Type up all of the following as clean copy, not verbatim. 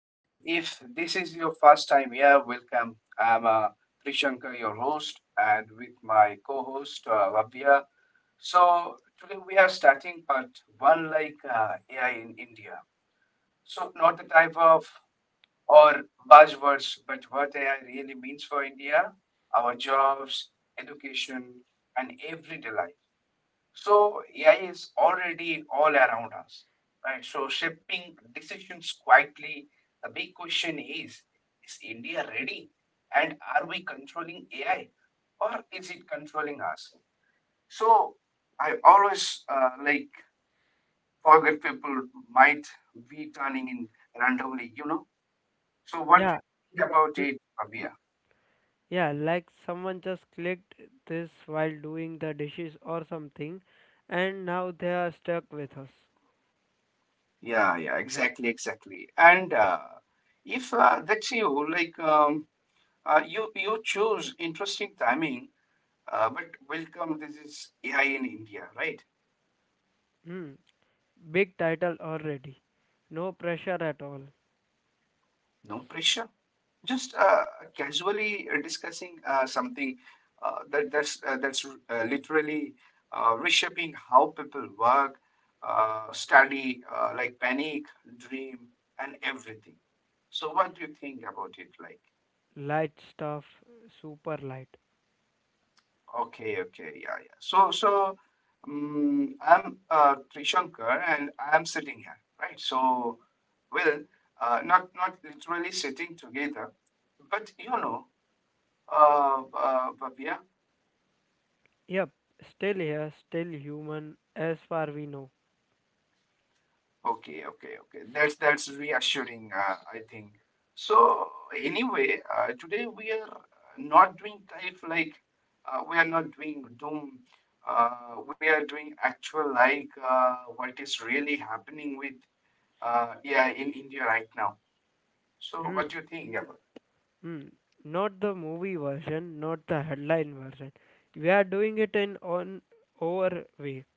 And if this is your first time here, welcome. I'm Prishanka, your host, and with my co-host Lavya. So today we are starting part one, like AI in India. So not the type of or buzzwords, but what AI really means for India, our jobs, education, and everyday life. So AI is already all around us, right? So shaping decisions quietly. The big question is India ready? And are we controlling AI or is it controlling us? So I always like forget people might be turning in randomly, you know? So what do Yeah, you think about l- it, Abia? yeah, like someone just clicked this while doing the dishes or something, and now they are stuck with us. Yeah, yeah, exactly, exactly. And if that's you, like, you choose interesting timing, but welcome. This is AI in India, right? Hmm, big title already. No pressure at all. No pressure. Just casually discussing something that's literally reshaping how people work, study, like panic, dream, and everything. So, what do you think about it? Like? Light stuff, super light. Okay, okay, yeah, yeah. So I'm Trishankar, and I'm sitting here, right? So, well, not literally sitting together, but you know, Bhavya. Yep, still here, still human, as far we know. Okay, okay, okay. That's reassuring, I think. So, anyway, today we are not doing type like we are not doing doom. We are doing actual like what is really happening with. Yeah, in India right now. So, what Hmm, do you think about? hmm. Not the movie version, not the headline version. We are doing it in on our way.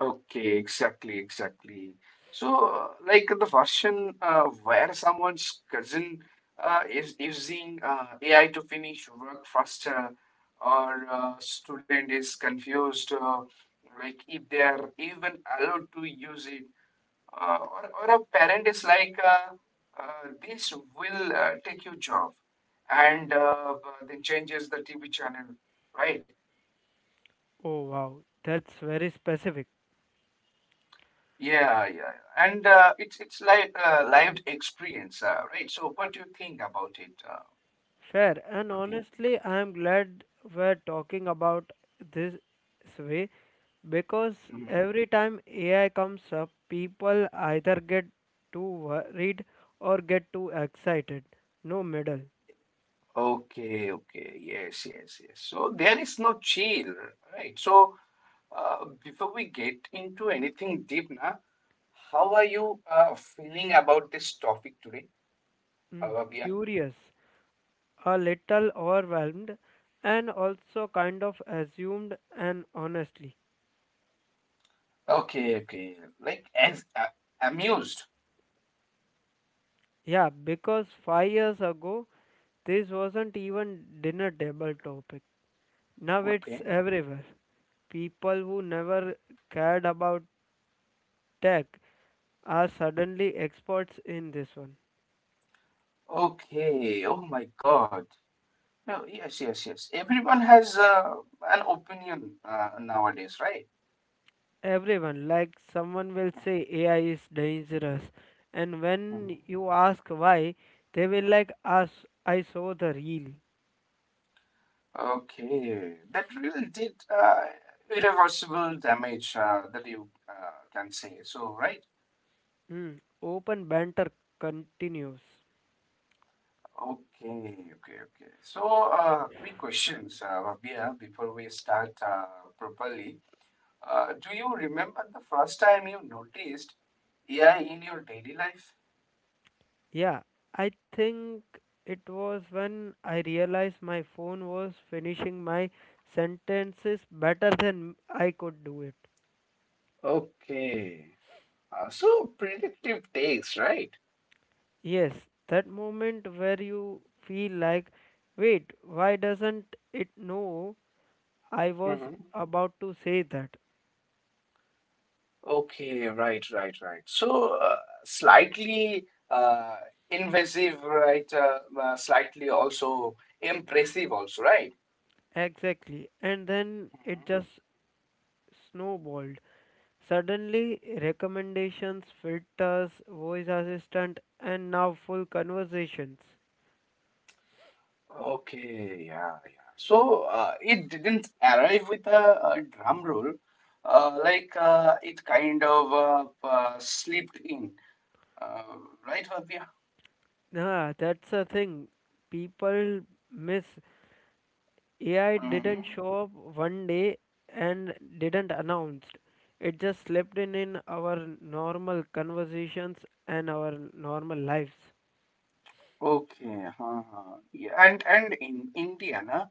Okay, exactly, exactly. So, like the version where someone's cousin is using AI to finish work faster, or student is confused, like if they are even allowed to use it, or a parent is like, this will take your job, and then changes the TV channel, right? Oh wow, that's very specific. Yeah, yeah. And it's like lived experience, right? So what do you think about it, Fair. And Rabia? honestly, I am glad we're talking about this way because Mhm. every time AI comes up, people either get too worried or get too excited. No middle. Okay, okay. Yes, yes, yes. So there is no chill, right? So before we get into anything deep now, how are you feeling about this topic today, Mm, Rabia? curious, a little overwhelmed, and also kind of assumed and honestly. Okay, okay. Like as amused. Yeah, because 5 years ago, this wasn't even dinner table topic. Now it's Okay. everywhere. People who never cared about tech are suddenly experts in this one. Okay. Oh my God. No, yes, yes, yes. Everyone has an opinion nowadays, right? Everyone, like someone will say AI is dangerous, and Mhm. when you ask why, they will like us. I saw the reel. Okay, that really did irreversible damage that you can say. So, right? Hmm. Open banter continues. Okay, okay, okay. So, quick questions, Rabia, before we start properly. Do you remember the first time you noticed AI in your daily life? Yeah, I think it was when I realized my phone was finishing my sentences better than I could do it. Okay. So, predictive takes, right? Yes, that moment where you feel like, wait, why doesn't it know I was about to say that? Okay, right, right, right. So slightly invasive, right? Slightly also impressive, also, right? Exactly. And then it Mhm. just snowballed. Suddenly, recommendations, filters, voice assistant, and now full conversations. Okay, yeah, yeah. So it didn't arrive with a drum roll, like it kind of slipped in, uh, right, Fabia? Ah, that's a thing people miss. AI didn't show up one day and didn't announced. It just slipped in our normal conversations and our normal lives. Okay, huh, huh. Yeah, and in India, na,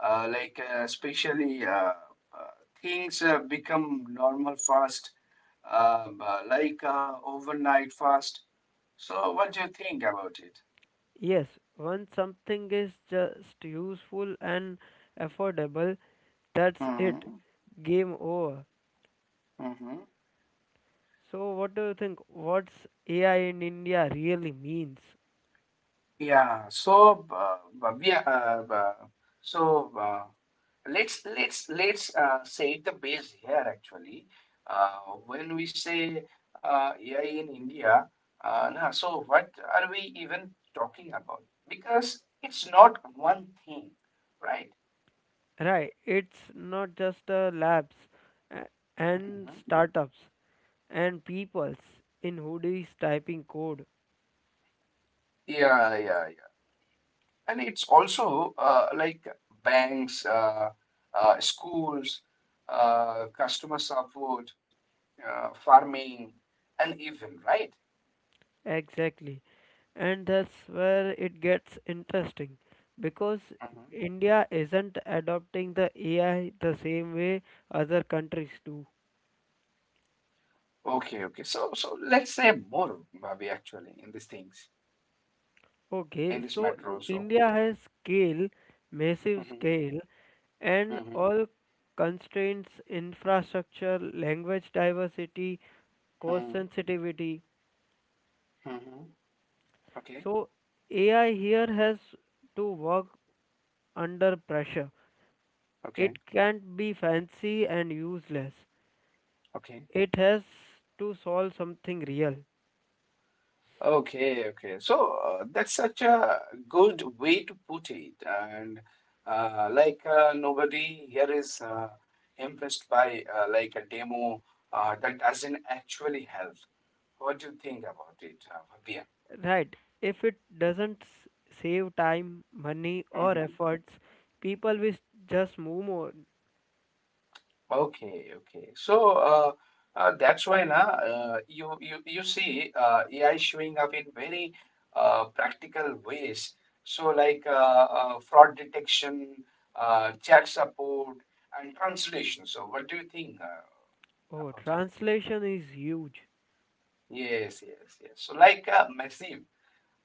like especially uh, things become normal fast, like overnight fast. So, what do you think about it? Yes, once something is just useful and affordable, that's it. Mm-hmm. Game over. Mm-hmm. So what do you think? What's AI in India really means? Yeah, so we are, so uh, let's let's say the base here actually. Uh, when we say AI in India, nah, so what are we even talking about? Because it's not one thing, right? Right, it's not just a labs a- and Mhm. startups. And peoples in hoodies typing code. Yeah, yeah, yeah. And it's also like banks, schools, customer support, farming, and even right. Exactly. And that's where it gets interesting because Hmm. India isn't adopting the AI the same way other countries do. Okay, okay. So, so let's say more, Bhavi, actually, in these things, Okay, in this so matter also. India has scale, massive Mm-hmm, scale, and mm-hmm, all constraints, infrastructure, language diversity, cost sensitivity. mm-hmm. Okay, So AI here has to work under pressure. okay, It can't be fancy and useless. okay. It has to solve something real. Okay, okay. So that's such a good way to put it. And like nobody here is impressed by like a demo that doesn't actually help. What do you think about it, Right. If it doesn't save time, money, Bhavya? or efforts, people will just move on. Okay, okay. So that's why na you see AI showing up in very practical ways. So like fraud detection, chat support, and translation. So what do you think Oh, about it? translation is huge. Yes, yes, yes. So like massive.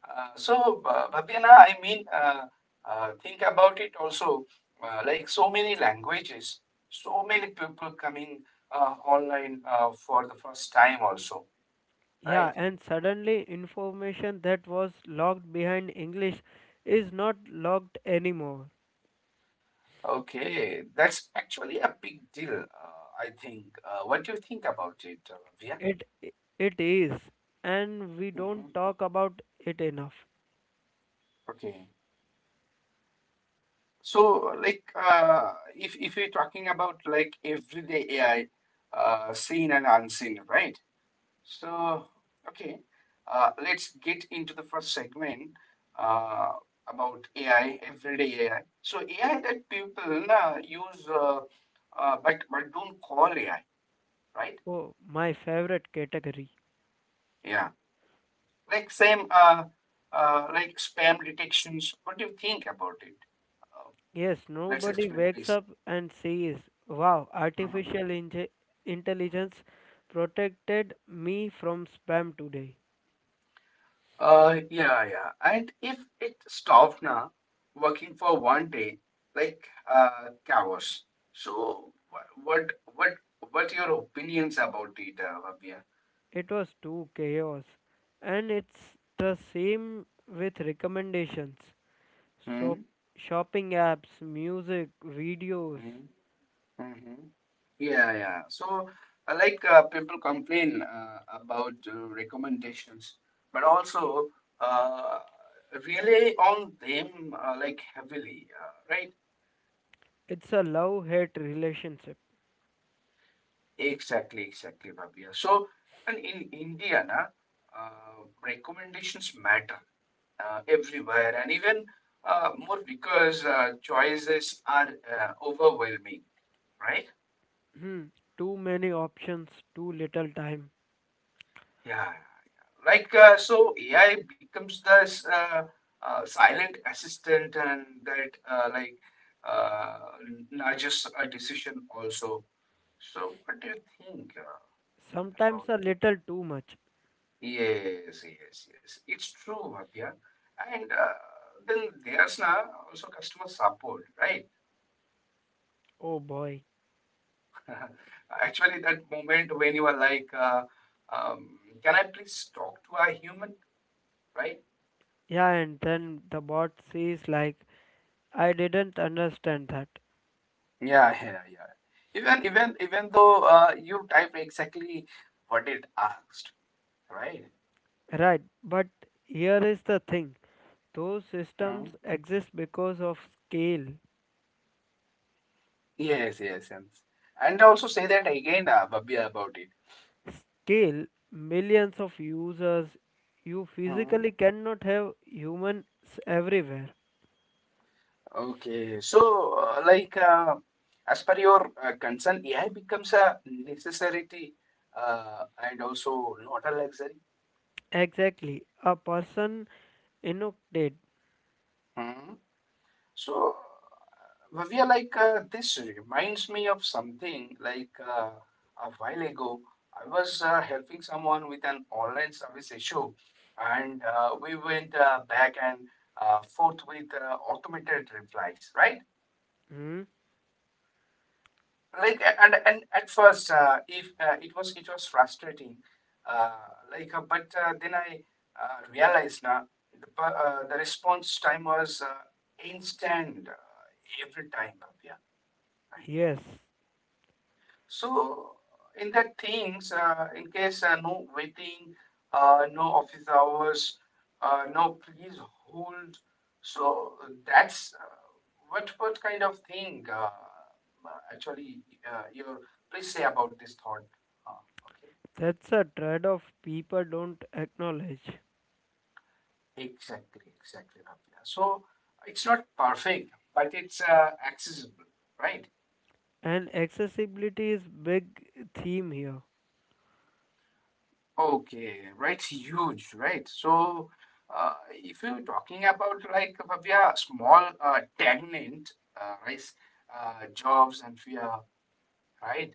So, Bhavya, I mean, think about it also. Like so many languages, so many people coming online for the first time, also, right? Yeah, and suddenly information that was locked behind English is not locked anymore. Okay, that's actually a big deal, I think. What do you think about it, Bhavya? It it is, and we don't Mhm. talk about it enough. Okay. So, like, if we're talking about like everyday AI, seen and unseen, right? So, okay, let's get into the first segment uh, about AI, everyday AI. So AI that people use, but don't call AI, right? Oh, my favorite category. Yeah, like same, like spam detections. What do you think about it? Uh, Yes, let's nobody explain, wakes please. up and says, Wow, artificial Mm-hmm. Intelligence protected me from spam today. Yeah, yeah. And if it stopped now, working for one day, like chaos. So, what your opinions about it, Bhavya? It was too chaos. And it's the same with recommendations. So, Hmm? shopping apps, music, videos. Hmm? Hmm. Yeah, yeah. So, like people complain about recommendations, but also uh, rely on them like heavily, right? It's a love hate relationship. Exactly, exactly, Bhavya. So, and in India, na, recommendations matter everywhere, and even more because choices are overwhelming, right? Hmm, too many options, too little time. Yeah, like so, AI becomes this silent assistant, and that like uh, nudges a decision also. So, what do you think Sometimes about? a little too much. Yes, yes, yes. It's true, Bhavya. And then there's now also customer support, right? Oh boy. Actually, that moment when you are like, can I please talk to a human, right? Yeah, and then the bot says, like, I didn't understand that. Yeah, yeah, yeah. Even though you type exactly what it asked, right? Right, but here is the thing those Hmm. systems exist because of scale. Yes, yes, yes. And I also say that again, Babia, about it. Scale, millions of users, you Hmm. physically cannot have humans everywhere. Okay, so like as per your concern, AI becomes a necessity and also not a luxury. Exactly, a person inoculated. Hmm. So Bhavya, like this reminds me of something like a while ago, I was helping someone with an online service issue, and we went back and forth with automated replies, right? Hmm? Like and at first if it was frustrating, uh, like but then I realized now the response time was instant every time. Yeah, Yes, so in that things, in case no waiting, no office hours, no please hold. So that's what kind of thing actually your please say about this thought. Uh, okay, that's a trade off people don't acknowledge. exactly, exactly, Rabia. So it's not perfect, but it's accessible, right? And accessibility is big theme here. Okay, right, huge, right? So, if you're talking about like Bhavya, small stagnant right, jobs and fear, right?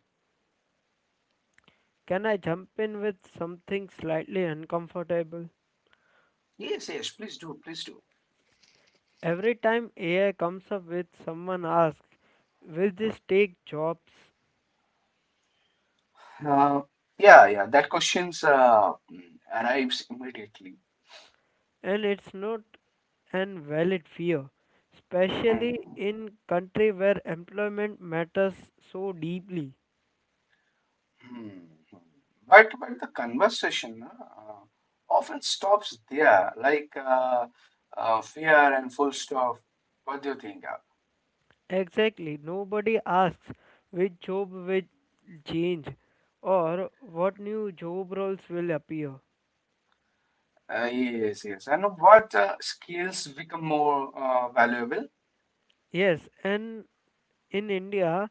Can I jump in with something slightly uncomfortable? Yes, yes, please do, please do. Every time AI comes up with someone asks, will this take jobs? Uh, yeah, yeah, that questions arrives immediately. And it's not an valid fear, especially Mhm. in country where employment matters so deeply. Hmm. But the conversation often stops there, like fear and full stop. What do you think? Exactly, nobody asks which job will change or what new job roles will appear. Yes, yes. And what skills become more valuable? Yes, and in India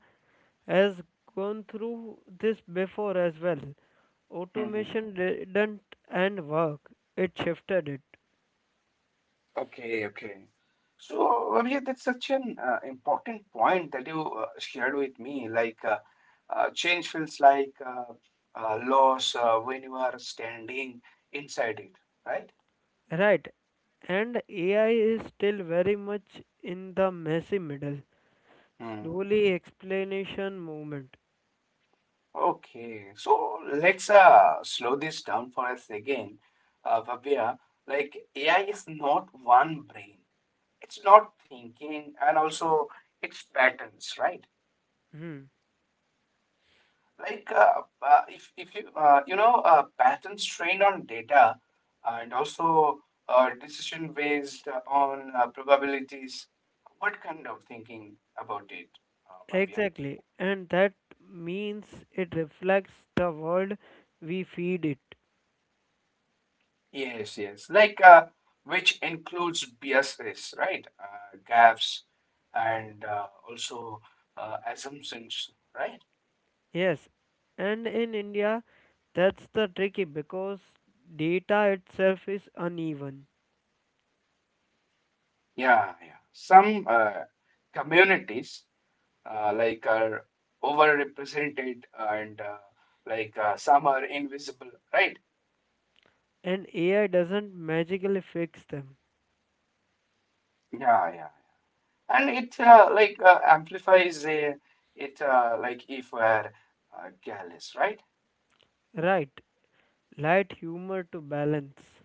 has gone through this before as well. Hmm. Automation didn't end work, it shifted it. Okay, okay. So, Abhijit, that's such an important point that you shared with me. Like, change feels like loss when you are standing inside it, right? Right. And AI is still very much in the messy middle. Mhm. Slowly explanation movement. Okay, so let's slow this down for us again, Bhavya. Like, AI is not one brain. It's not thinking and also it's patterns right, Hmm. like if you you know patterns trained on data and also decision based on probabilities, what kind of thinking about it, Bhavya? Exactly. And that means it reflects the world we feed it. Yes, yes, like which includes biases, right, gaps and also assumptions, right? Yes, and in India, that's the tricky because data itself is uneven Yeah, yeah, some communities like are overrepresented and like some are invisible, right? and AI doesn't magically fix them. Yeah, yeah. And it like amplifies it like if we're careless, right? Right, light humor to balance.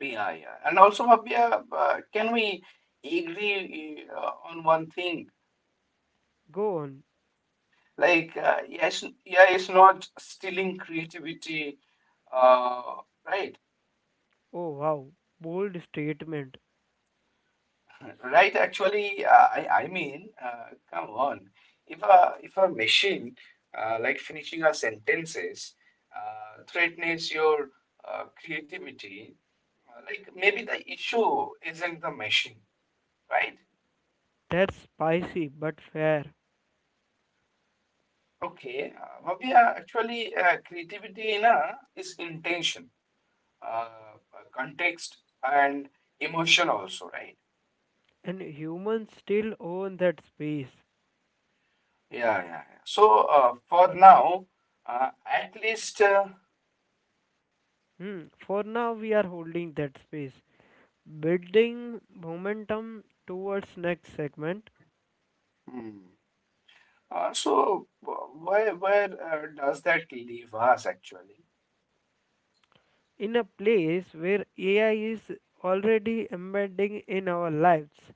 Yeah, yeah. And also, Abhya, can we agree on one thing? Go on. Like, yes, yeah, it's not stealing creativity, uh, right? Oh wow, bold statement. Right, actually, I mean, come on. If a machine like finishing our sentences threatens your creativity, like maybe the issue isn't the machine, right? That's spicy but fair. Okay, Bhavya, actually, creativity in a, is intention, uh, uh, context, and emotion also, right? And humans still own that space. Yeah, yeah, yeah. So for now, at least. Hmm. For now, we are holding that space, building momentum towards next segment Hmm. Uh, so uh, where does that leave us actually? in a place where AI is already embedding in our lives,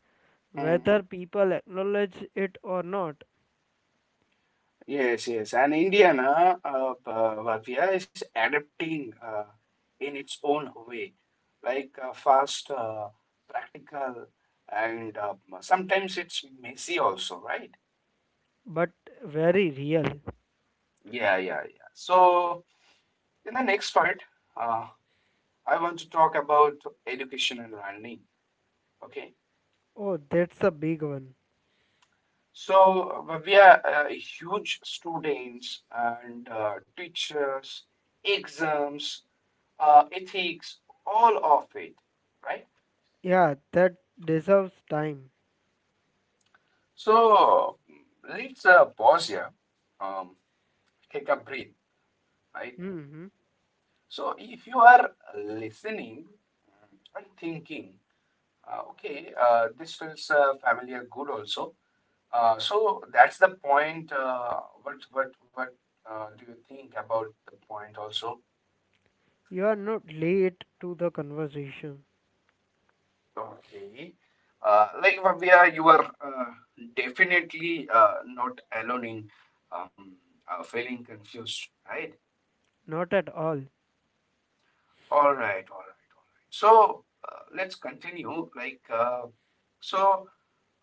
Hmm. whether people acknowledge it or not, Yes, yes. And India, na, Bhavya is adapting in its own way, like fast, practical, and sometimes it's messy also, right? but very real. Yeah, yeah, yeah. So in the next part, uh, I want to talk about education and learning. Okay. Oh, that's a big one. So we are huge students and teachers, exams, ethics, all of it, right? Yeah, that deserves time. So let's pause here, um, take a breath, right? Hmm. So if you are listening and thinking, okay, this feels familiar, good also. So that's the point. What Do you think about the point also? You are not late to the conversation. Okay. Like Vavya, you are definitely not alone in um, feeling confused, right? Not at all. All right, all right, all right. So let's continue. So,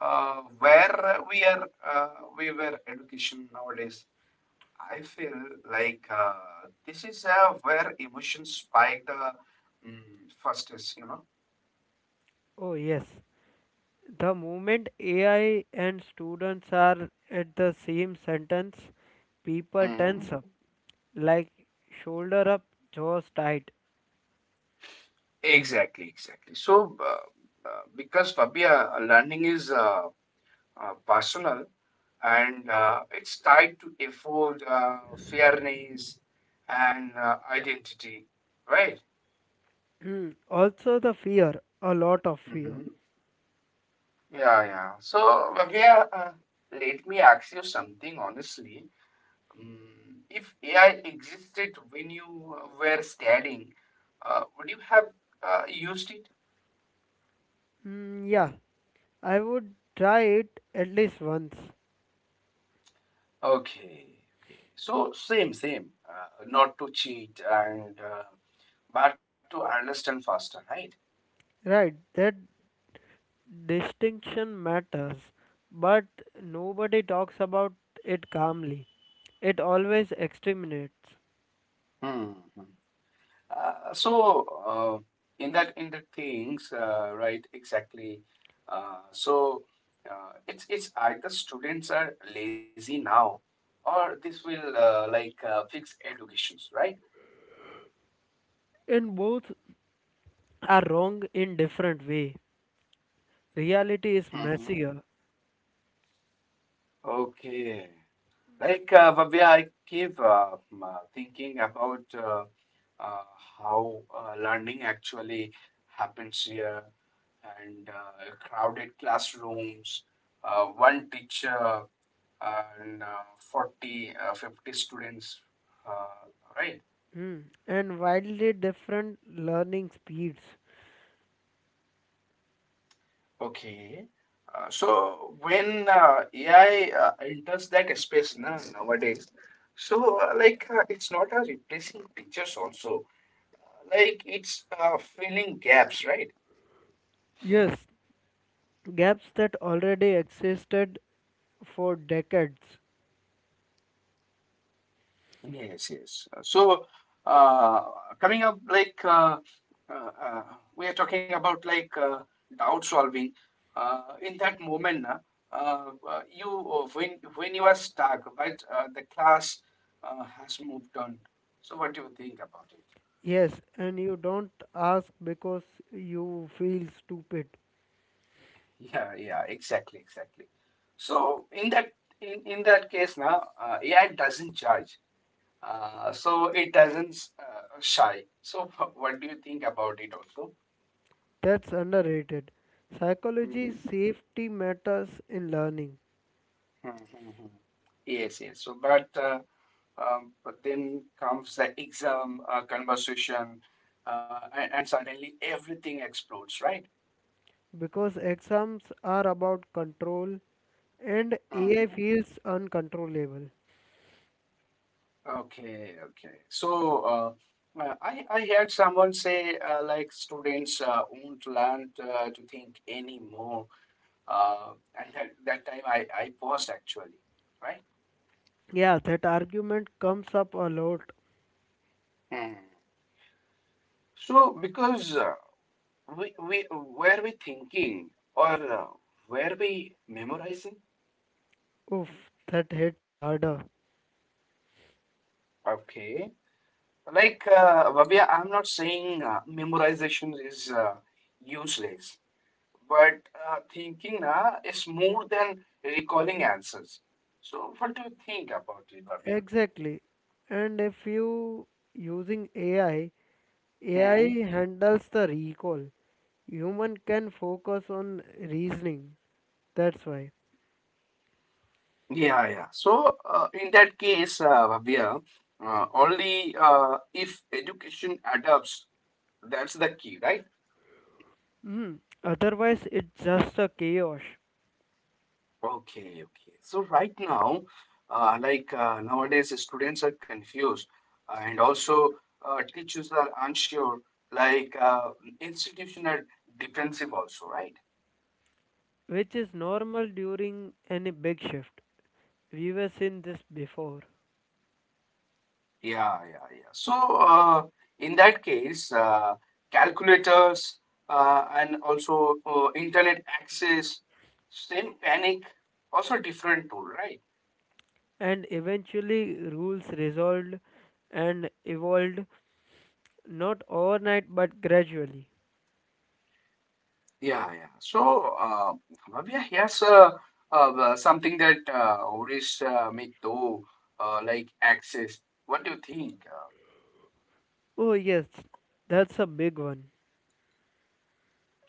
uh, where we are, uh, we were education nowadays. I feel like uh, this is where emotions spike the fastest, you know. Oh, yes. The moment AI and students are at the same sentence, people Mhm. tense up, like shoulder up, jaws tight. Exactly, exactly. So because Fabia, learning is personal and it's tied to effort, fairness, and identity, right? Mm, also the fear, a lot of fear. Hmm. Yeah, yeah. So, Fabia, let me ask you something honestly. Mm, if AI existed when you were studying, would you have used it? Mm, yeah, I would try it at least once. Okay, okay. So same, same. Not to cheat and but to understand faster, right? Right, that distinction matters, but nobody talks about it calmly. It always exterminates. Hmm, hmm. So uh, in that in the things, Right? Exactly. Uh, so it's either students are lazy now, or this will fix educations, right? And both are wrong in different way. Reality is Hmm. messier. Okay. Like Bhavya, I keep thinking about uh, how learning actually happens here and crowded classrooms, one teacher and 40, 50 students, uh, right? Mm, and wildly different learning speeds. Okay. So when AI enters that space na, nowadays, so it's not a replacing teachers also like it's filling gaps, right? Yes, gaps that already existed for decades. Yes, yes. So uh, coming up, uh, uh, we are talking about doubt solving. In that moment, na, you when you are stuck, but the class has moved on. So what do you think about it? Yes, and you don't ask because you feel stupid. Yeah, yeah, exactly, exactly. So in that case, now AI doesn't judge. So it doesn't shy. So what do you think about it also? That's underrated. Psychology safety matters in learning Hmm, hmm, hmm. Yes, yes. But then comes the exam conversation, and suddenly everything explodes, right? because exams are about control and AI Mhm. feels uncontrollable. Okay, okay. So, I heard someone say like students won't learn to think anymore, uh, and that time I paused actually, Yeah, that argument comes up a lot. right? So, because we thinking or were we memorizing? Oof, that hits harder. Okay, like Babia, I'm not saying memorization is useless, but thinking is more than recalling answers. So, what do you think about it, Babia? Exactly. And if you using AI, AI Hmm. handles the recall. Human can focus on reasoning. That's why. Yeah, yeah. So, in that case, Bhavya, only if education adapts, that's the key, right? Mm. Otherwise, it's just a chaos, Okay, okay. So right now, nowadays, students are confused, and also teachers are unsure. Like institution are defensive also, right? which is normal during any big shift. We were seen this before. Yeah, yeah, yeah. So in that case, calculators and also internet access, same panic, also different tool, right? And eventually, rules resolved and evolved not overnight but gradually. Yeah, yeah. So, Bhavya, here's something that Oris me too, like access. What do you think? Oh, yes, that's a big one.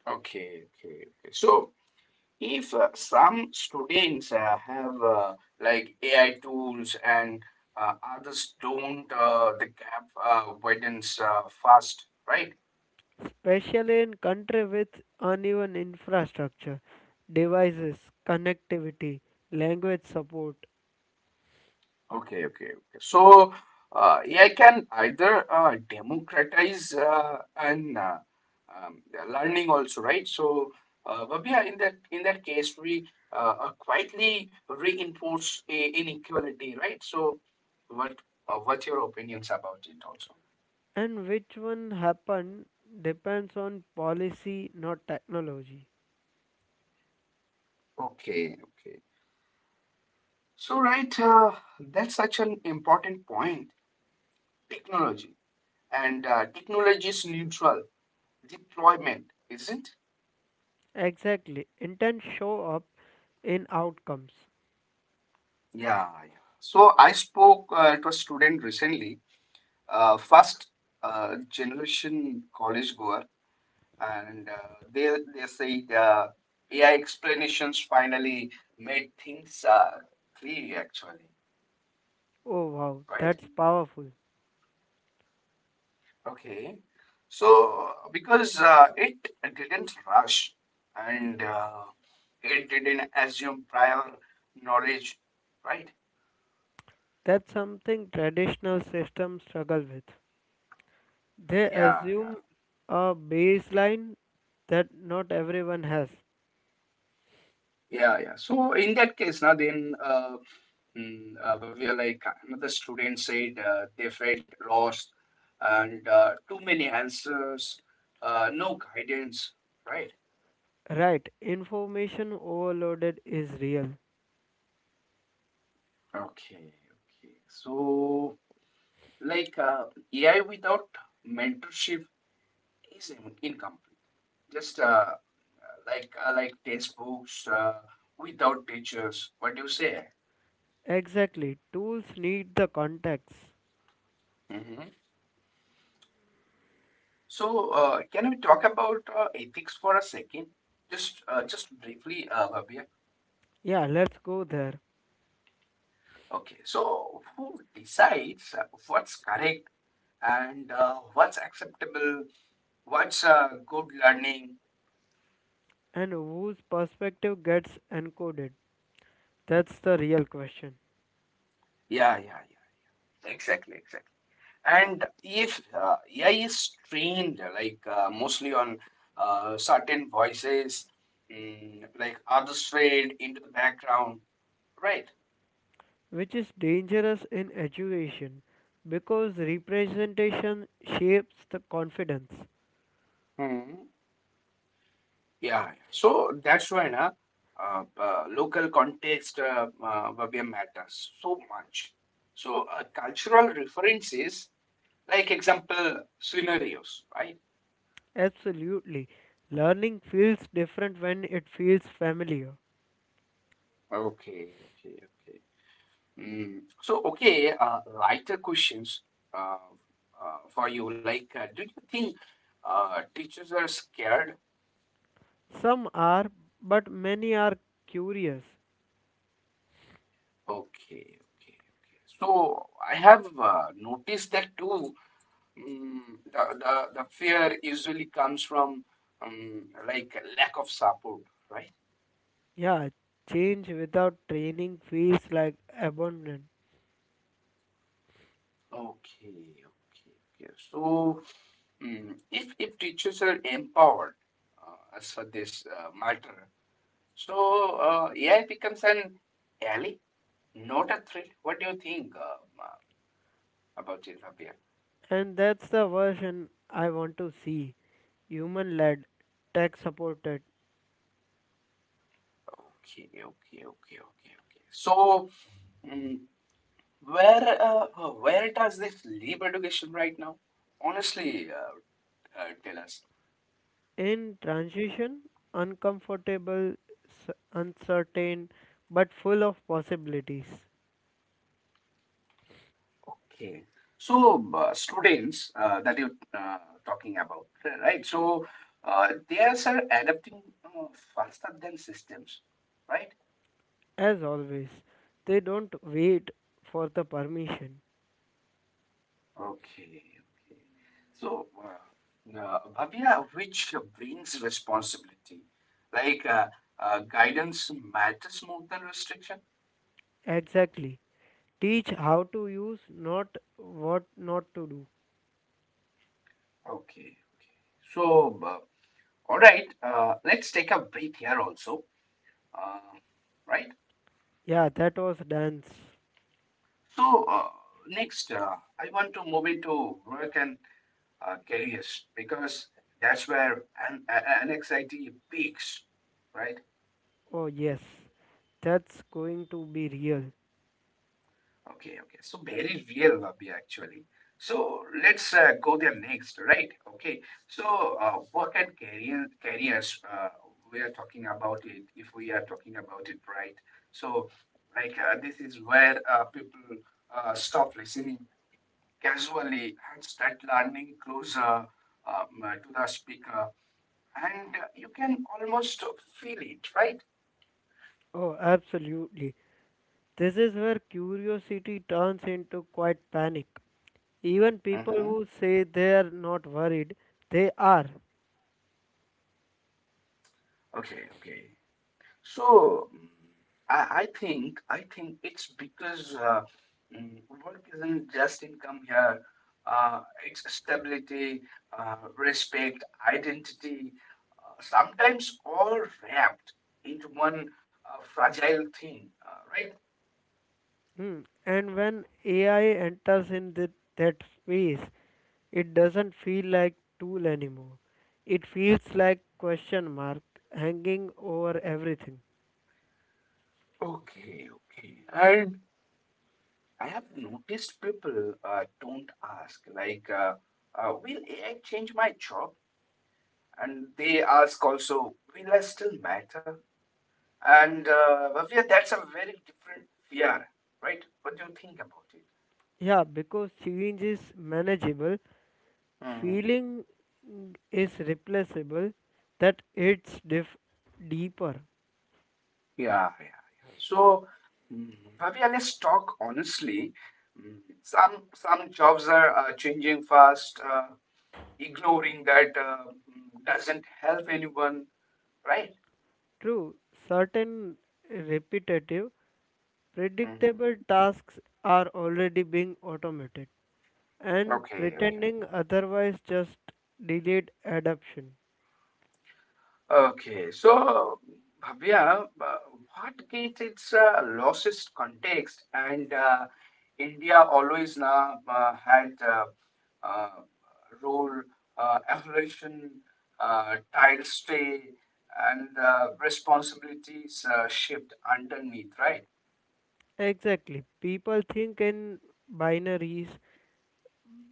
Okay, okay, okay. So, if some students have like AI tools and others don't, the gap widens fast, right? Especially in country with uneven infrastructure, devices, connectivity, language support. Okay, okay, okay. So AI can either democratize and um, learning also, right? So, Babia, in that case, we quietly reinforce a inequality, right? So, what what your opinions about it also? And which one happened depends on policy, not technology. Okay, okay. So, right, that's such an important point. Technology and technology is neutral deployment, isn't? Exactly. Intent show up in outcomes. Yeah, yeah. So I spoke to a student recently, first generation college goer, and they said AI explanations finally made things free actually, Oh wow, right? that's powerful. Okay. So because it didn't rush and it didn't assume prior knowledge, right? That's something traditional systems struggle with. They Yeah, yeah, assume a baseline that not everyone has. yeah, yeah. So in that case, now then. Mm, we are like Another student said they felt lost and too many answers, no guidance, right? Right, information overloaded is real. Okay, okay. So, like AI without mentorship is incomplete. Just like textbooks without teachers. What do you say? Exactly, tools need the context. Hmm. So, can we talk about ethics for a second? Just briefly, Bhavya. Yeah, let's go there. Okay, so who decides what's correct and what's acceptable, what's good learning? And whose perspective gets encoded? That's the real question, Yeah, yeah, yeah, exactly, exactly. And if AI is trained mostly on certain voices, like orchestrated into the background, right? which is dangerous in education because representation shapes the confidence. Mhm. Yeah, yeah. So that's why na, local context, Bhavya, matters so much. So cultural references, like example scenarios, right? Absolutely. Learning feels different when it feels familiar. Okay, okay, okay. Mm. So okay, lighter questions uh, for you. Like, do you think teachers are scared? Some are, but many are curious. Okay, okay, okay. So I have noticed that too. Mm, the fear usually comes from like lack of support, right? Yeah, change without training feels like abandonment. Okay, okay, okay. So if teachers are empowered as for this matter, so AI becomes an ally, not a threat. What do you think about it, Rabia? And that's the version I want to see human led, tech supported. Okay, okay, okay, okay, okay. So mm, where does this leave education right now? Honestly, tell us. In transition, uncomfortable, uncertain, but full of possibilities. Okay. So, students that you're talking about, right? So, they are sir, adapting faster than systems, right? As always, they don't wait for the permission. Okay. Okay. So, Bhavya, which brings responsibility, like uh, guidance matters more than restriction. Exactly. Teach how to use, not what not to do. Okay. Okay. So, all right. Let's take a breath here also. Uh, right. Yeah, that was dance. So, next, I want to move into work and careers because that's where an anxiety peaks, right? Oh, yes. That's going to be real. Okay, okay. So, very real, Abhi, actually. So, let's go there next, right? Okay. So, careers, we are talking about it, if we are talking about it right. So, like, this is where people stop listening casually and start learning closer to the speaker. And you can almost feel it, right? Oh, absolutely. This is where curiosity turns into quite panic. Even people who Mm-hmm. say they are not worried, they are. Okay, okay. So I think it's because work isn't just income here. Uh, it's stability, respect, identity, sometimes all wrapped into one fragile thing, right? Mm. And when AI enters in the, that space, it doesn't feel like tool anymore. It feels like question mark hanging over everything. Okay, okay. And. I have noticed people don't ask, like, will AI change my job? And they ask also, will I still matter? And Bhavya, that's a very different fear, right? What do you think about it? Yeah, because change is manageable, Hmm. feeling is replaceable, that it's deeper. Yeah, yeah, yeah. So, Bhavya, let's talk honestly. Some jobs are changing fast. Ignoring that doesn't help anyone, right? True, certain repetitive, Hmm. predictable tasks are already being automated. And Okay, okay. pretending otherwise just delayed adoption. Okay, so Bhavya, what gets its losses context and India always now had uh, role evolution, tile stay, and responsibilities shift underneath, right? Exactly. People think in binaries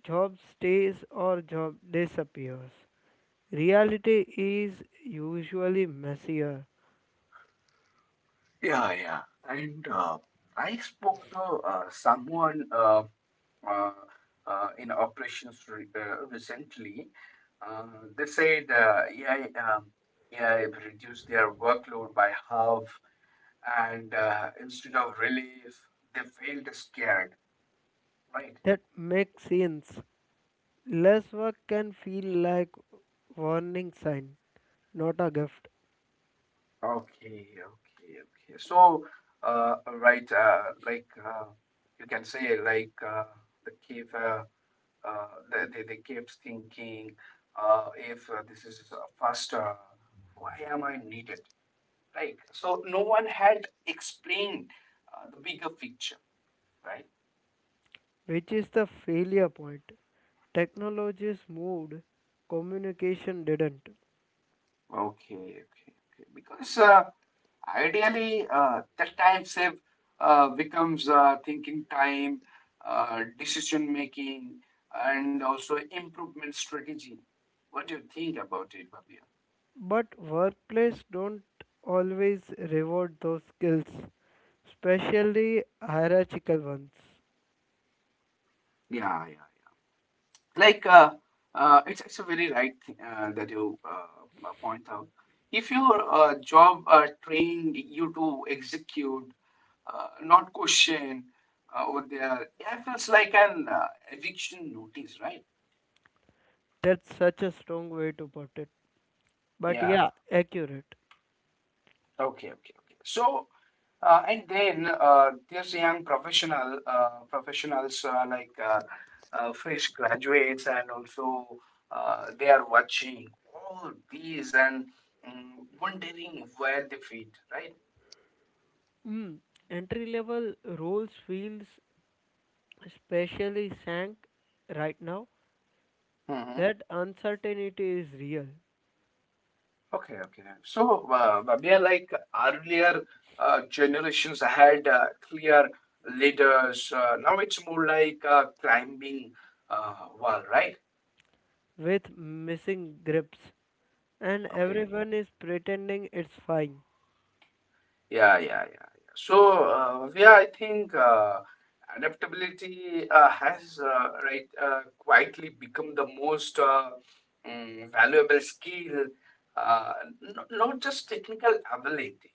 job stays or job disappears. Reality is usually messier. Yeah, yeah. And I spoke to someone uh, in operations recently. Uh, they said uh, AI, um, AI have reduced their workload by half, and instead of relief, they felt scared. Right? That makes sense. Less work can feel like warning sign, not a gift, Okay, okay, okay. So, right, you can say, like the cave. They kept thinking, if this is faster, why am I needed? Right? So no one had explained the bigger picture, right? which is the failure point. Technologies moved, communication didn't. Okay, okay, okay. Because ideally, that time save becomes thinking time, decision making, and also improvement strategy. What do you think about it, Babia? But workplace don't always reward those skills, especially hierarchical ones. Yeah, yeah, yeah. Like, it's a very right thing that you point out. If your job trained you to execute not question over there. Yeah, it feels like an eviction notice, right? That's such a strong way to put it. But Yeah. yeah, accurate. Okay. Okay. Okay. So, and then there's young professionals fresh graduates, and also they are watching all these and wondering where they fit, right? Mm. Entry level roles feels especially sank right now. That uncertainty is real Okay, okay. So, Bhavya, like earlier generations had clear leaders. Now it's more like climbing wall, right? with missing grips and Okay. everyone is pretending it's fine. Yeah, yeah, yeah, yeah. So, Bhavya, I think adaptability has quietly become the most valuable skill, uh, not just technical ability,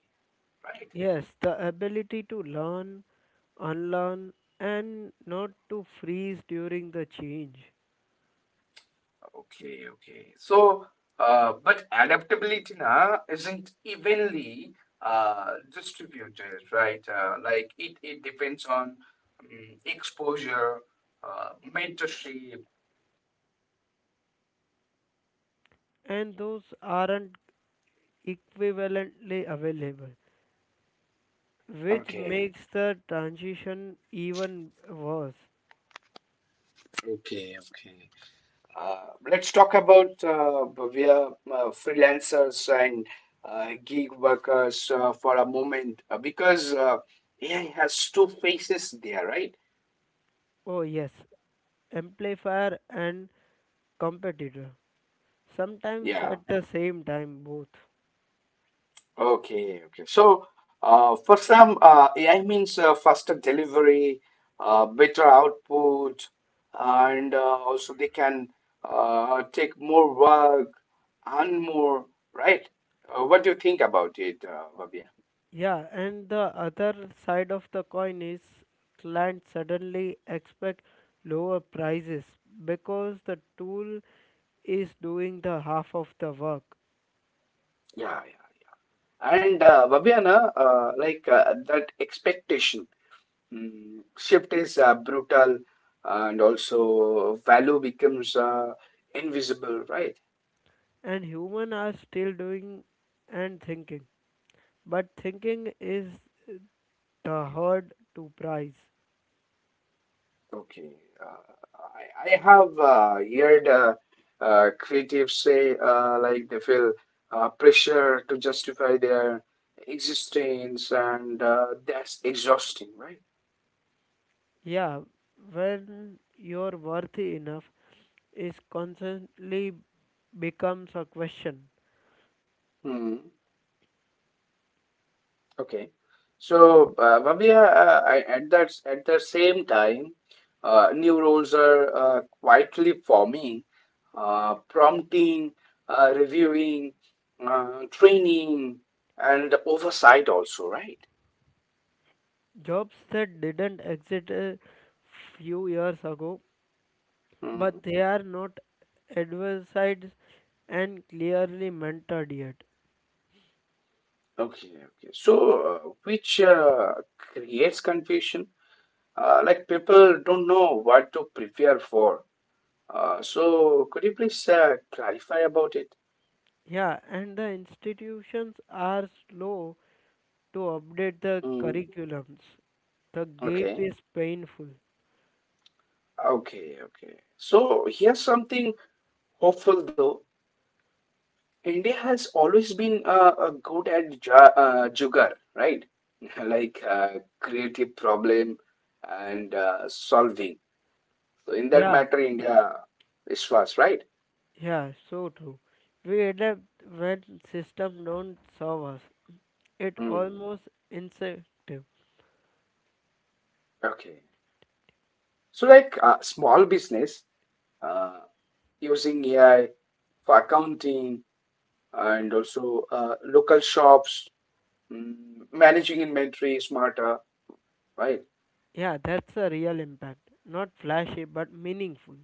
right? Yes, the ability to learn, unlearn, and not to freeze during the change. Okay, okay. So, but adaptability na isn't evenly distributed, right? It depends on exposure, mentorship. And those aren't equivalently available, which Okay, makes the transition even worse. okay, okay. Let's talk about, Bhavya, freelancers and gig workers for a moment because AI has two faces there, right? Oh, yes, amplifier and competitor. Sometimes Yeah. at the same time, both. Okay, okay. So, for some, AI means faster delivery, better output, and also they can take more work and more, right? What do you think about it, Babia? Yeah, and the other side of the coin is clients suddenly expect lower prices because the tool is doing the half of the work Yeah, yeah. And Babiana, that expectation shift is brutal, and also value becomes invisible, right? and human are still doing and thinking but thinking is the hard to price. Okay. Uh, I have heard creatives say like they feel pressure to justify their existence, and that's exhausting, right? Yeah, when you're worthy enough is constantly becomes a question. Hmm. Okay. So, Bhavya, I, at the same time, new roles are quietly forming, prompting, reviewing, training, and oversight also, right? Jobs that didn't exist a few years ago, but they are not advertised and clearly mentored yet. Okay, okay. So, which creates confusion, like people don't know what to prepare for. So, could you please clarify about it? Yeah, and the institutions are slow to update the Mm, curriculums. The gap okay, is painful. okay, okay. So, here's something hopeful though. India has always been good at ja jugar, right? Like creative problem and solving. So, in that Yeah, matter, India is fast, right? yeah, so true. We adapt when systems don't serve us. It Hmm. almost instinctive. Okay. So, like small business uh, using AI for accounting and also local shops, mm, managing inventory smarter, right? Yeah, that's a real impact. Not flashy, but meaningful.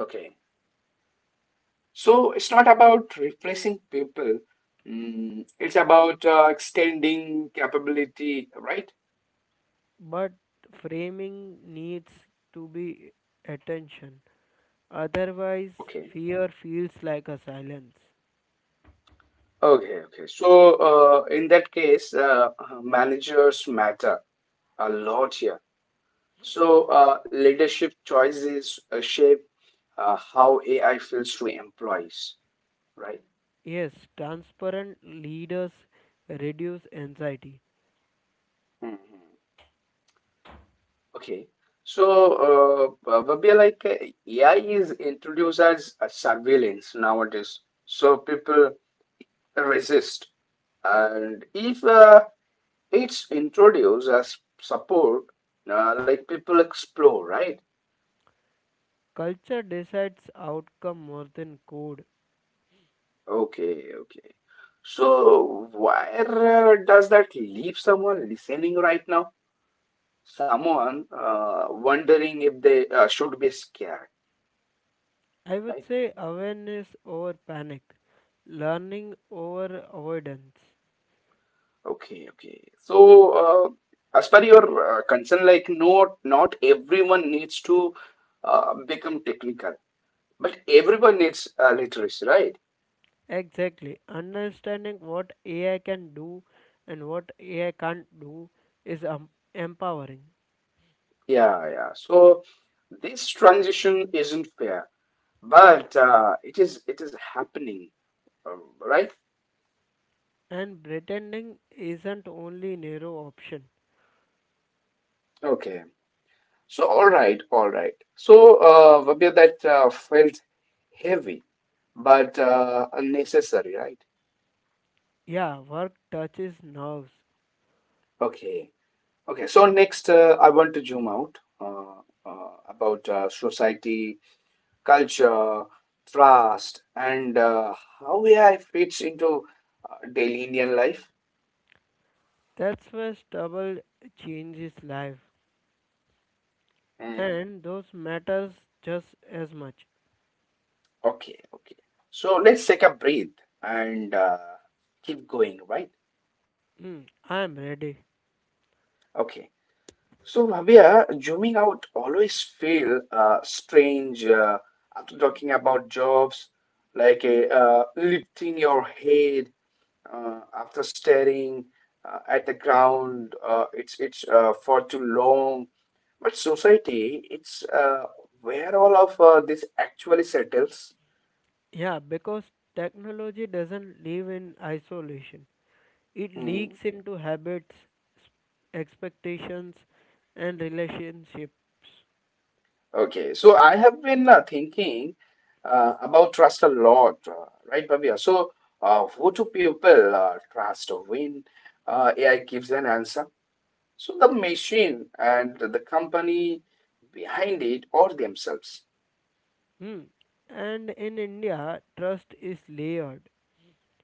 Okay. So, it's not about replacing people, mm, it's about extending capability, right? But framing needs to be attention. Otherwise, Okay. fear feels like a silence. Okay, okay. So, in that case, managers matter a lot here. So, leadership choices shape how AI feels to employees, right? Yes, transparent leaders reduce anxiety. Hmm. Okay. So, Vabia, AI is introduced as a surveillance nowadays. So people resist. And if it's introduced as support, like people explore, right? Culture decides outcome more than code. Okay, okay. So, where does that leave someone listening right now? Someone wondering if they should be scared, I would right? say awareness over panic, learning over avoidance. Okay, okay, so as per your concern, like no, not everyone needs to become technical, but everyone needs literacy, right? Exactly. Understanding what AI can do and what AI can't do is empowering. Yeah, yeah, so this transition isn't fair, but it is happening, right. And pretending isn't only narrow option. Okay, so all right, all right, so Vabya, that felt heavy but unnecessary, right? Yeah, work touches nerves. Okay, okay. So next, I want to zoom out about society, culture, trust, and how AI fits into daily Indian life. That's where stubble changes life. Mm. And those matters just as much. Okay, okay. So let's take a breath and keep going, right? Hmm, I am ready. Okay. So, Bhavya, zooming out always feel strange after talking about jobs, like a, lifting your head after staring at the ground. It's for too long. But society, it's where all of this actually settles. Yeah, because technology doesn't live in isolation. It Hmm. leaks into habits, s- expectations and relationships. Okay, so I have been thinking about trust a lot, right, Bhavya? So, who do people trust when AI gives an answer? So, the machine and the company behind it, or themselves. Hmm. And in India, trust is layered.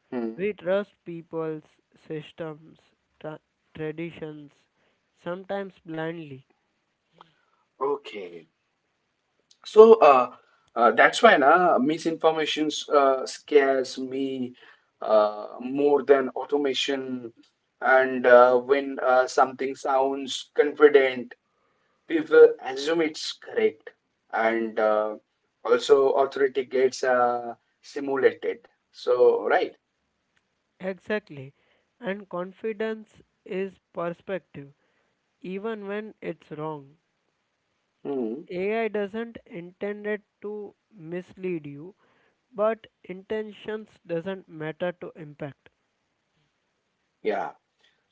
Hmm. We trust people's systems, tra- traditions, sometimes blindly. Okay, so that's why na, misinformation scares me more than automation. And when something sounds confident, people assume it's correct, and also authority gets simulated, so right? Exactly. And confidence is perspective, even when it's wrong. Hmm. AI doesn't intend it to mislead you, but intentions doesn't matter to impact. Yeah,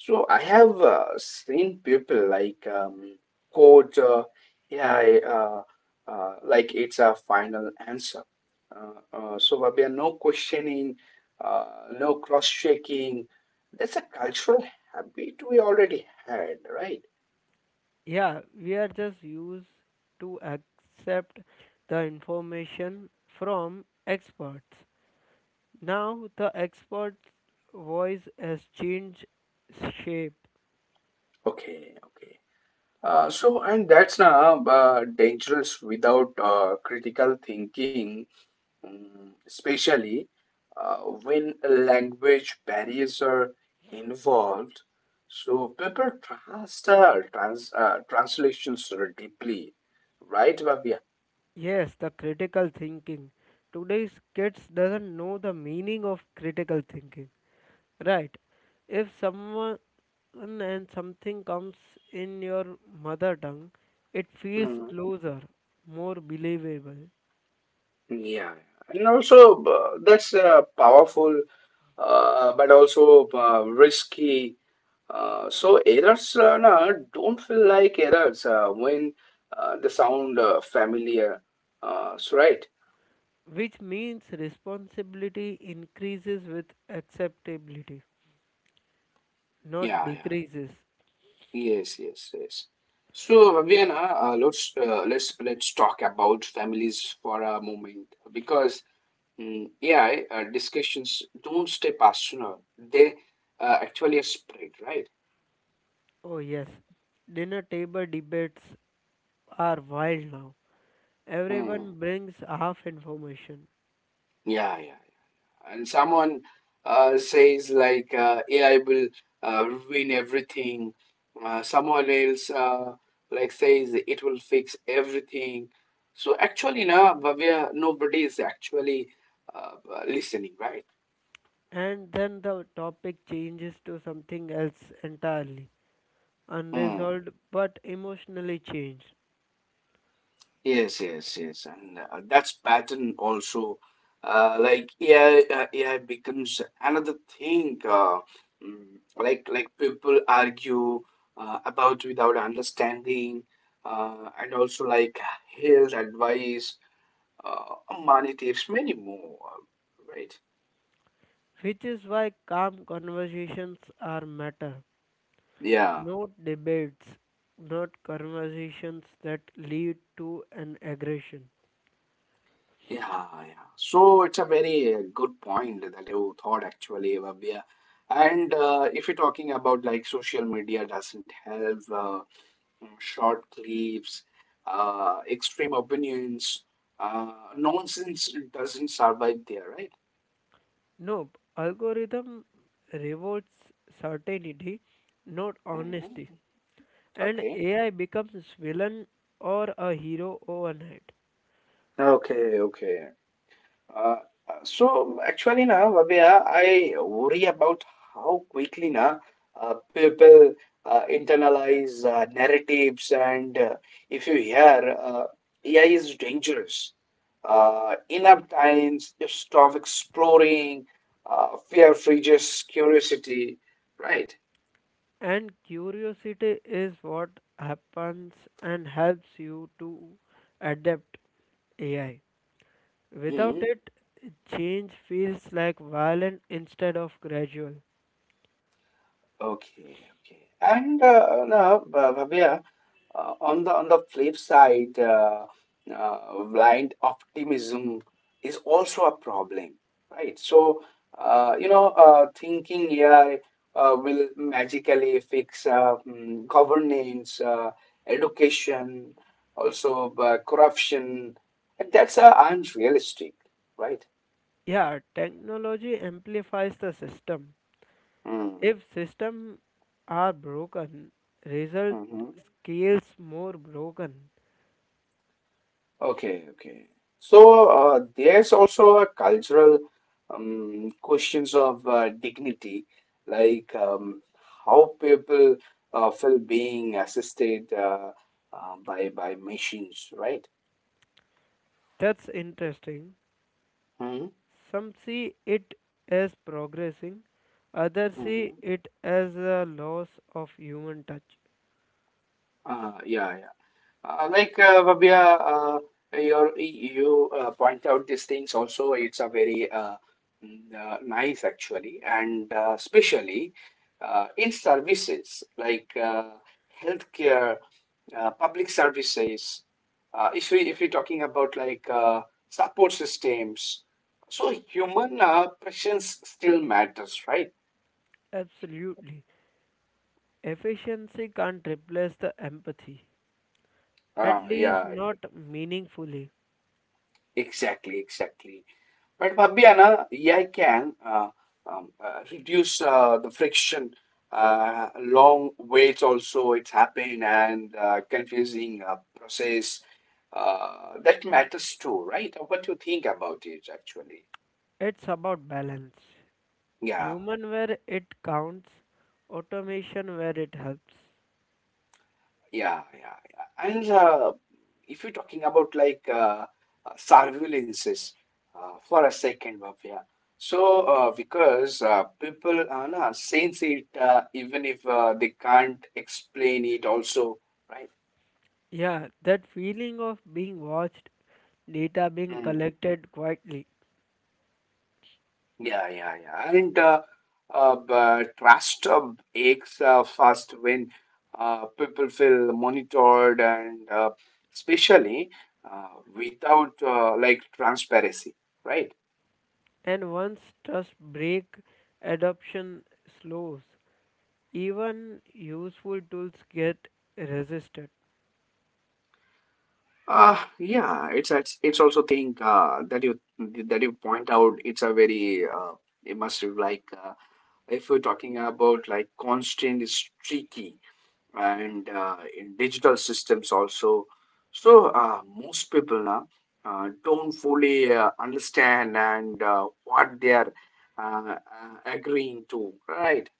so I have seen people like quote yeah, I like it's a final answer, so Babia, no questioning, uh, no cross-checking, that's a cultural habit we already had, right? Yeah, we are just used to accept the information from experts. Now the expert's voice has changed shape. Okay, okay. So, and that's na dangerous without critical thinking, mm, especially uh, when language barriers are involved. So, people trust translations deeply, right, Bhavya? Yes, the critical thinking. Today's kids doesn't know the meaning of critical thinking. Right. If someone and something comes in your mother tongue, it feels Hmm. closer, more believable, Yeah, and also that's powerful, but also risky. So errors nah, don't feel like errors when they sound familiar. So right? which means responsibility increases with acceptability, not Yeah, yeah. decreases. Yes, yes, yes. So Vivian, let's let's talk about families for a moment, because mm, AI discussions don't stay personal; they actually spread, right? Oh yes, dinner table debates are wild now. Hmm. Everyone brings half information, Yeah, yeah. And someone says like AI will ruin everything. Someone else like says it will fix everything. So actually, now Bhavya, nobody is actually uh, listening, and then the topic changes to something else entirely, right? unresolved but emotionally changed. Yes, yes, yes, and that's pattern also. Like AI becomes another thing. Like people argue about without understanding, and also like health advice, uh, money tips, many more. Right? Which is why calm conversations are matter, Yeah, not debates, not conversations that lead to an aggression. yeah, yeah. So it's a very good point that you thought actually, Bhavya. And if you're talking about, like, social media doesn't help. Short clips, extreme opinions. Nonsense doesn't survive there, right? Nope, algorithm rewards certainty, not honesty. Hmm. And Okay. AI becomes villain or a hero overnight. Okay. Okay. Uh, so actually na Vavya, I worry about how quickly na people internalize narratives, and if you hear AI is dangerous enough times, you stop exploring, fear freezes curiosity, right? And curiosity is what happens and helps you to adapt AI. Without Hmm. it, change feels like violent instead of gradual. Okay, okay. And now, Bhavya, on the flip side, blind optimism is also a problem, right? So, you know, thinking AI will magically fix governance, education, also corruption, and that's unrealistic, right? Yeah, technology amplifies the system. Mm-hmm. If systems are broken, result scales more broken. Okay, okay. So there's also a cultural questions of dignity, like how people feel being assisted by machines, right? That's interesting. Mm-hmm. Some see it as progressing, others see it as a loss of human touch. Yeah, yeah. Like Vabya, your, you point out these things also. It's a very nice actually, and especially in services like healthcare, public services. If we if we're talking about, like, support systems, so human presence still matters, right? Absolutely. Efficiency can't replace the empathy, at least Yeah, not meaningfully. exactly, exactly. But Fabiana, AI can reduce the friction, long waits also it's happened, and confusing process. That matters too, right? What do you think about it actually? It's about balance. Yeah. Human where it counts, automation where it helps. Yeah, yeah, yeah. And if you're talking about like surveillances for a second, Bhavya. So, because people na, sense it even if they can't explain it also, right? Yeah, that feeling of being watched, data being Mm. collected quietly, Yeah, yeah, yeah. And but trust aches fast when people feel monitored, and especially uh, without like transparency, right? and once trust break, adoption slows. Even useful tools get resisted, Yeah, it's it's also thing that you point out. It's a very immersive. Like if you're talking about, like, constant is tricky, and in digital systems also. So most people now don't fully understand and what they are agreeing to, right?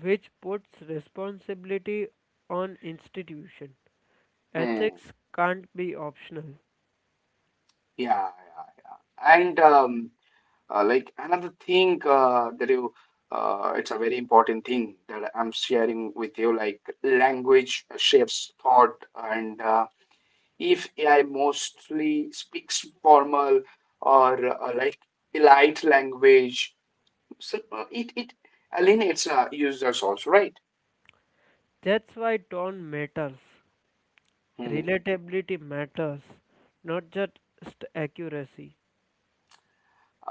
which puts responsibility on institution. Hmm. Ethics can't be optional. Yeah, yeah, yeah. And like another thing that you, it's a very important thing that I'm sharing with you. Like language shapes thought, and if AI mostly speaks formal or like polite language, so it alienates users also, right? That's why tone matters. Relatability matters, not just accuracy.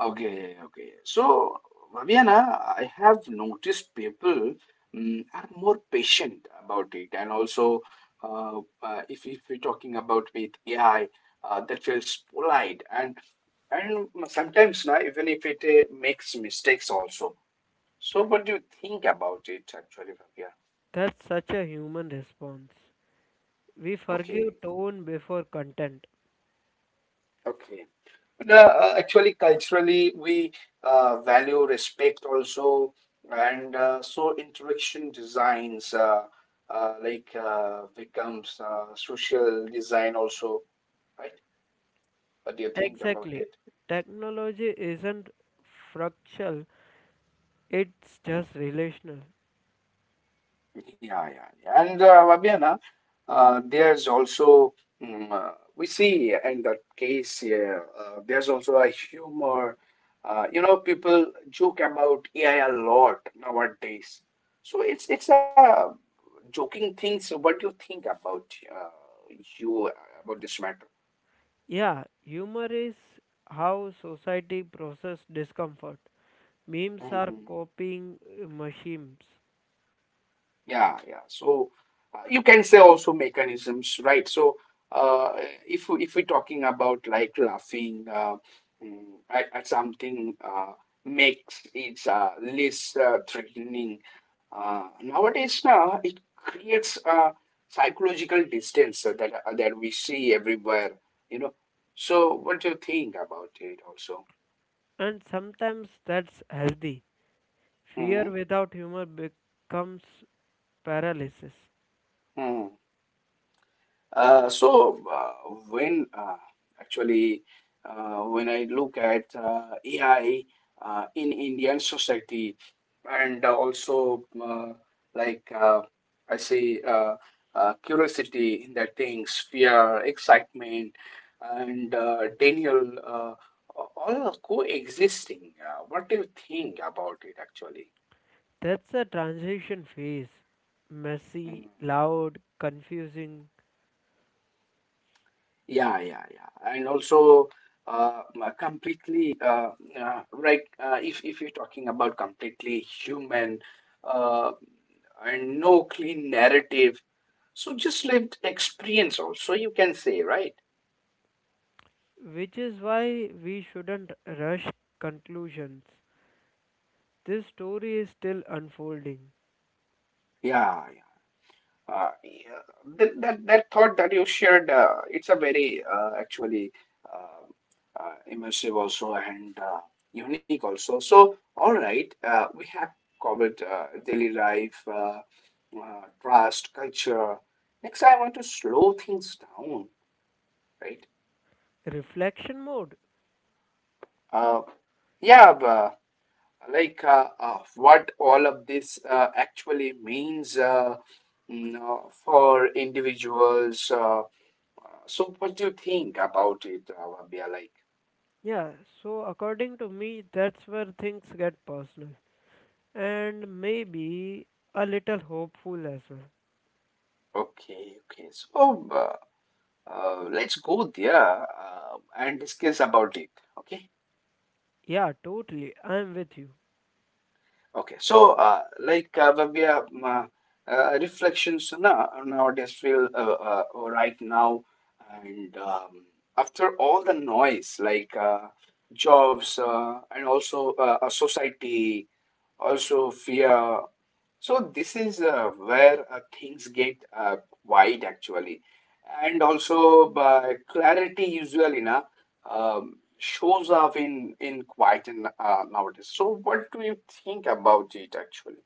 Okay, yeah, yeah, okay. So, Vaviana, I have noticed people mm, are more patient about it, and also, if, we're talking about with AI, that feels polite, and sometimes now even if it makes mistakes also. So, what do you think about it actually, Vaviana? That's such a human response. We Okay, forgive tone before content. okay. No, actually, culturally, we value respect also, and so interaction designs becomes social design also, right? What do you think about Exactly. it? Technology isn't fractal, it's just relational. Yeah, yeah, yeah. And Vabiana, there's also we see in that case, yeah, there's also a humor. You know, people joke about AI a lot nowadays. So it's a joking things, what do you think about uh, you about this matter? Yeah, humor is how society process discomfort. Memes are Hmm. coping machines, Yeah, yeah, so you can say also mechanisms, right? So uh, if we're talking about, like, laughing mm, at, something makes it less threatening nowadays, now it creates a psychological distance that we see everywhere, you know, so what do you think about it also? and sometimes that's healthy. Fear Hmm. without humor becomes paralysis. Hmm. So when actually when I look at AI in Indian society, and also like uh, I say curiosity in that things, fear, excitement, and Daniel, all are coexisting. What do you think about it actually? That's a transition phase. Mm-hmm. Messy, loud, confusing, Yeah, yeah, yeah. And also, uh, m- completely, uh, right, if, you're talking about completely human uh, and no clean narrative, so just lived experience also, you can say, right? which is why we shouldn't rush conclusions. This story is still unfolding. Yeah, yeah, that, that thought that you shared, it's a very actually immersive also, and unique also. So, all right, we have covered daily life, trust, culture. Next, I want to slow things down, right? Reflection mode. Uh, yeah, but like what all of this actually means, you know, for individuals. So what do you think about it, Rabia? Like, Yeah, so according to me, that's where things get personal and maybe a little hopeful as well. okay, okay. So let's go there and discuss about it. Okay, Yeah, totally. I'm with you. okay. So Rabia, reflections now nowadays feel right now, and after all the noise, like jobs and also a society, also fear. So this is where things get wide actually, and also clarity usually na shows up in quiet in, nowadays. So what do you think about it actually?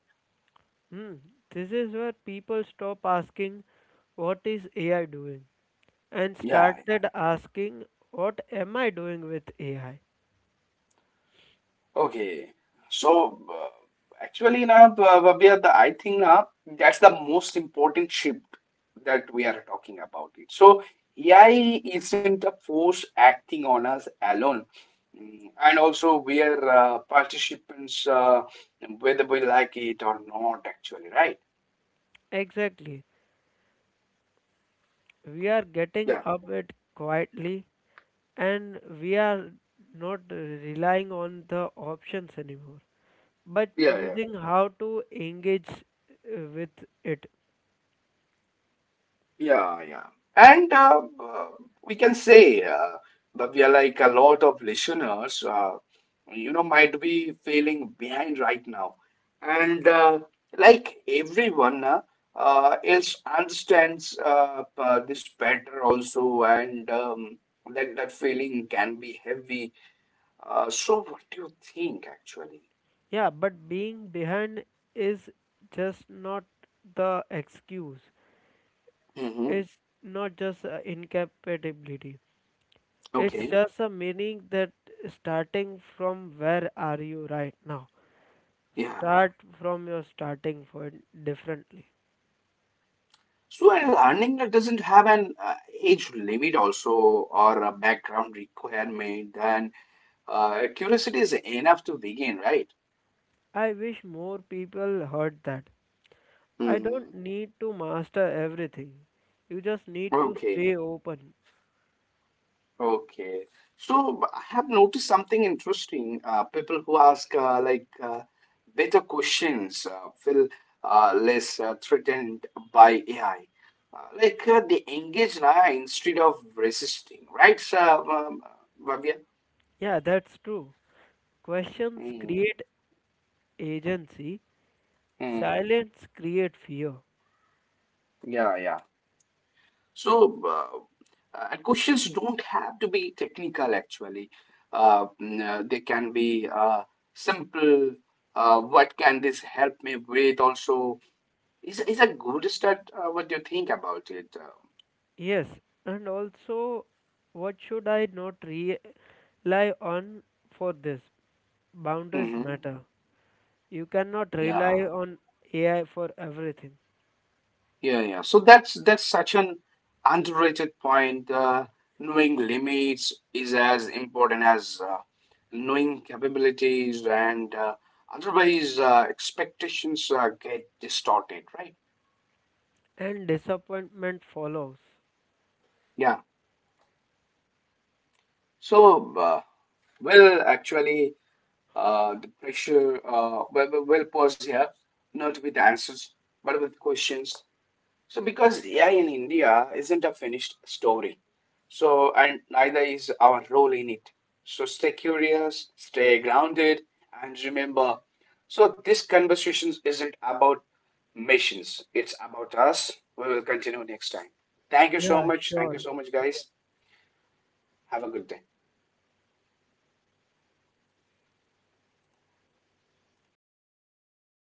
Hmm. This is where people stop asking, what is AI doing? And Yeah, yeah. started asking, what am I doing with AI? Okay. So actually na Babya, the I think na that's the most important shift that we are talking about it. So AI isn't a force acting on us alone. Mm. And also, we are participants, whether we like it or not, actually, right? Exactly. We are getting Yeah, up it quietly and we are not relying on the options anymore. But yeah, yeah. choosing how to engage with it. Yeah, yeah. And we can say that we are, like, a lot of listeners, you know, might be feeling behind right now. And like everyone else understands this better also, and that, that feeling can be heavy. So what do you think actually? Yeah, but being behind is just not the excuse. Mm-hmm. It's not just a incapability, it's Okay. just a meaning that starting from where are you right now, Yeah. start from your starting point differently. So a learning that doesn't have an age limit also, or a background requirement, then curiosity is enough to begin, right? I wish more people heard that. I Mm-hmm. don't need to master everything, you just need to stay Okay. open. Okay. So I have noticed something interesting. People who ask better questions feel less threatened by AI. Like they engage now instead of resisting, right, so, um, Bhavya? Yeah, that's true. Questions Mm, create agency, mm, silence create fear. yeah, yeah. So, and questions don't have to be technical actually. They can be simple. What can this help me with? Also, it's a good start. What do you think about it? Yes, and also, what should I not rely on for this? Boundaries Mhm. matter. You cannot rely Yeah, on AI for everything, yeah, yeah. So that's such an underrated point. Knowing limits is as important as knowing capabilities, and otherwise expectations get distorted, right? and disappointment follows. Yeah. So, well, actually, the pressure. Pause here, not with answers, but with questions. So because AI in India isn't a finished story. So and neither is our role in it. So stay curious, stay grounded, and remember. So this conversation isn't about missions. It's about us. We will continue next time. Thank you so Yeah, much. Thank you sure. so much, guys. Have a good day.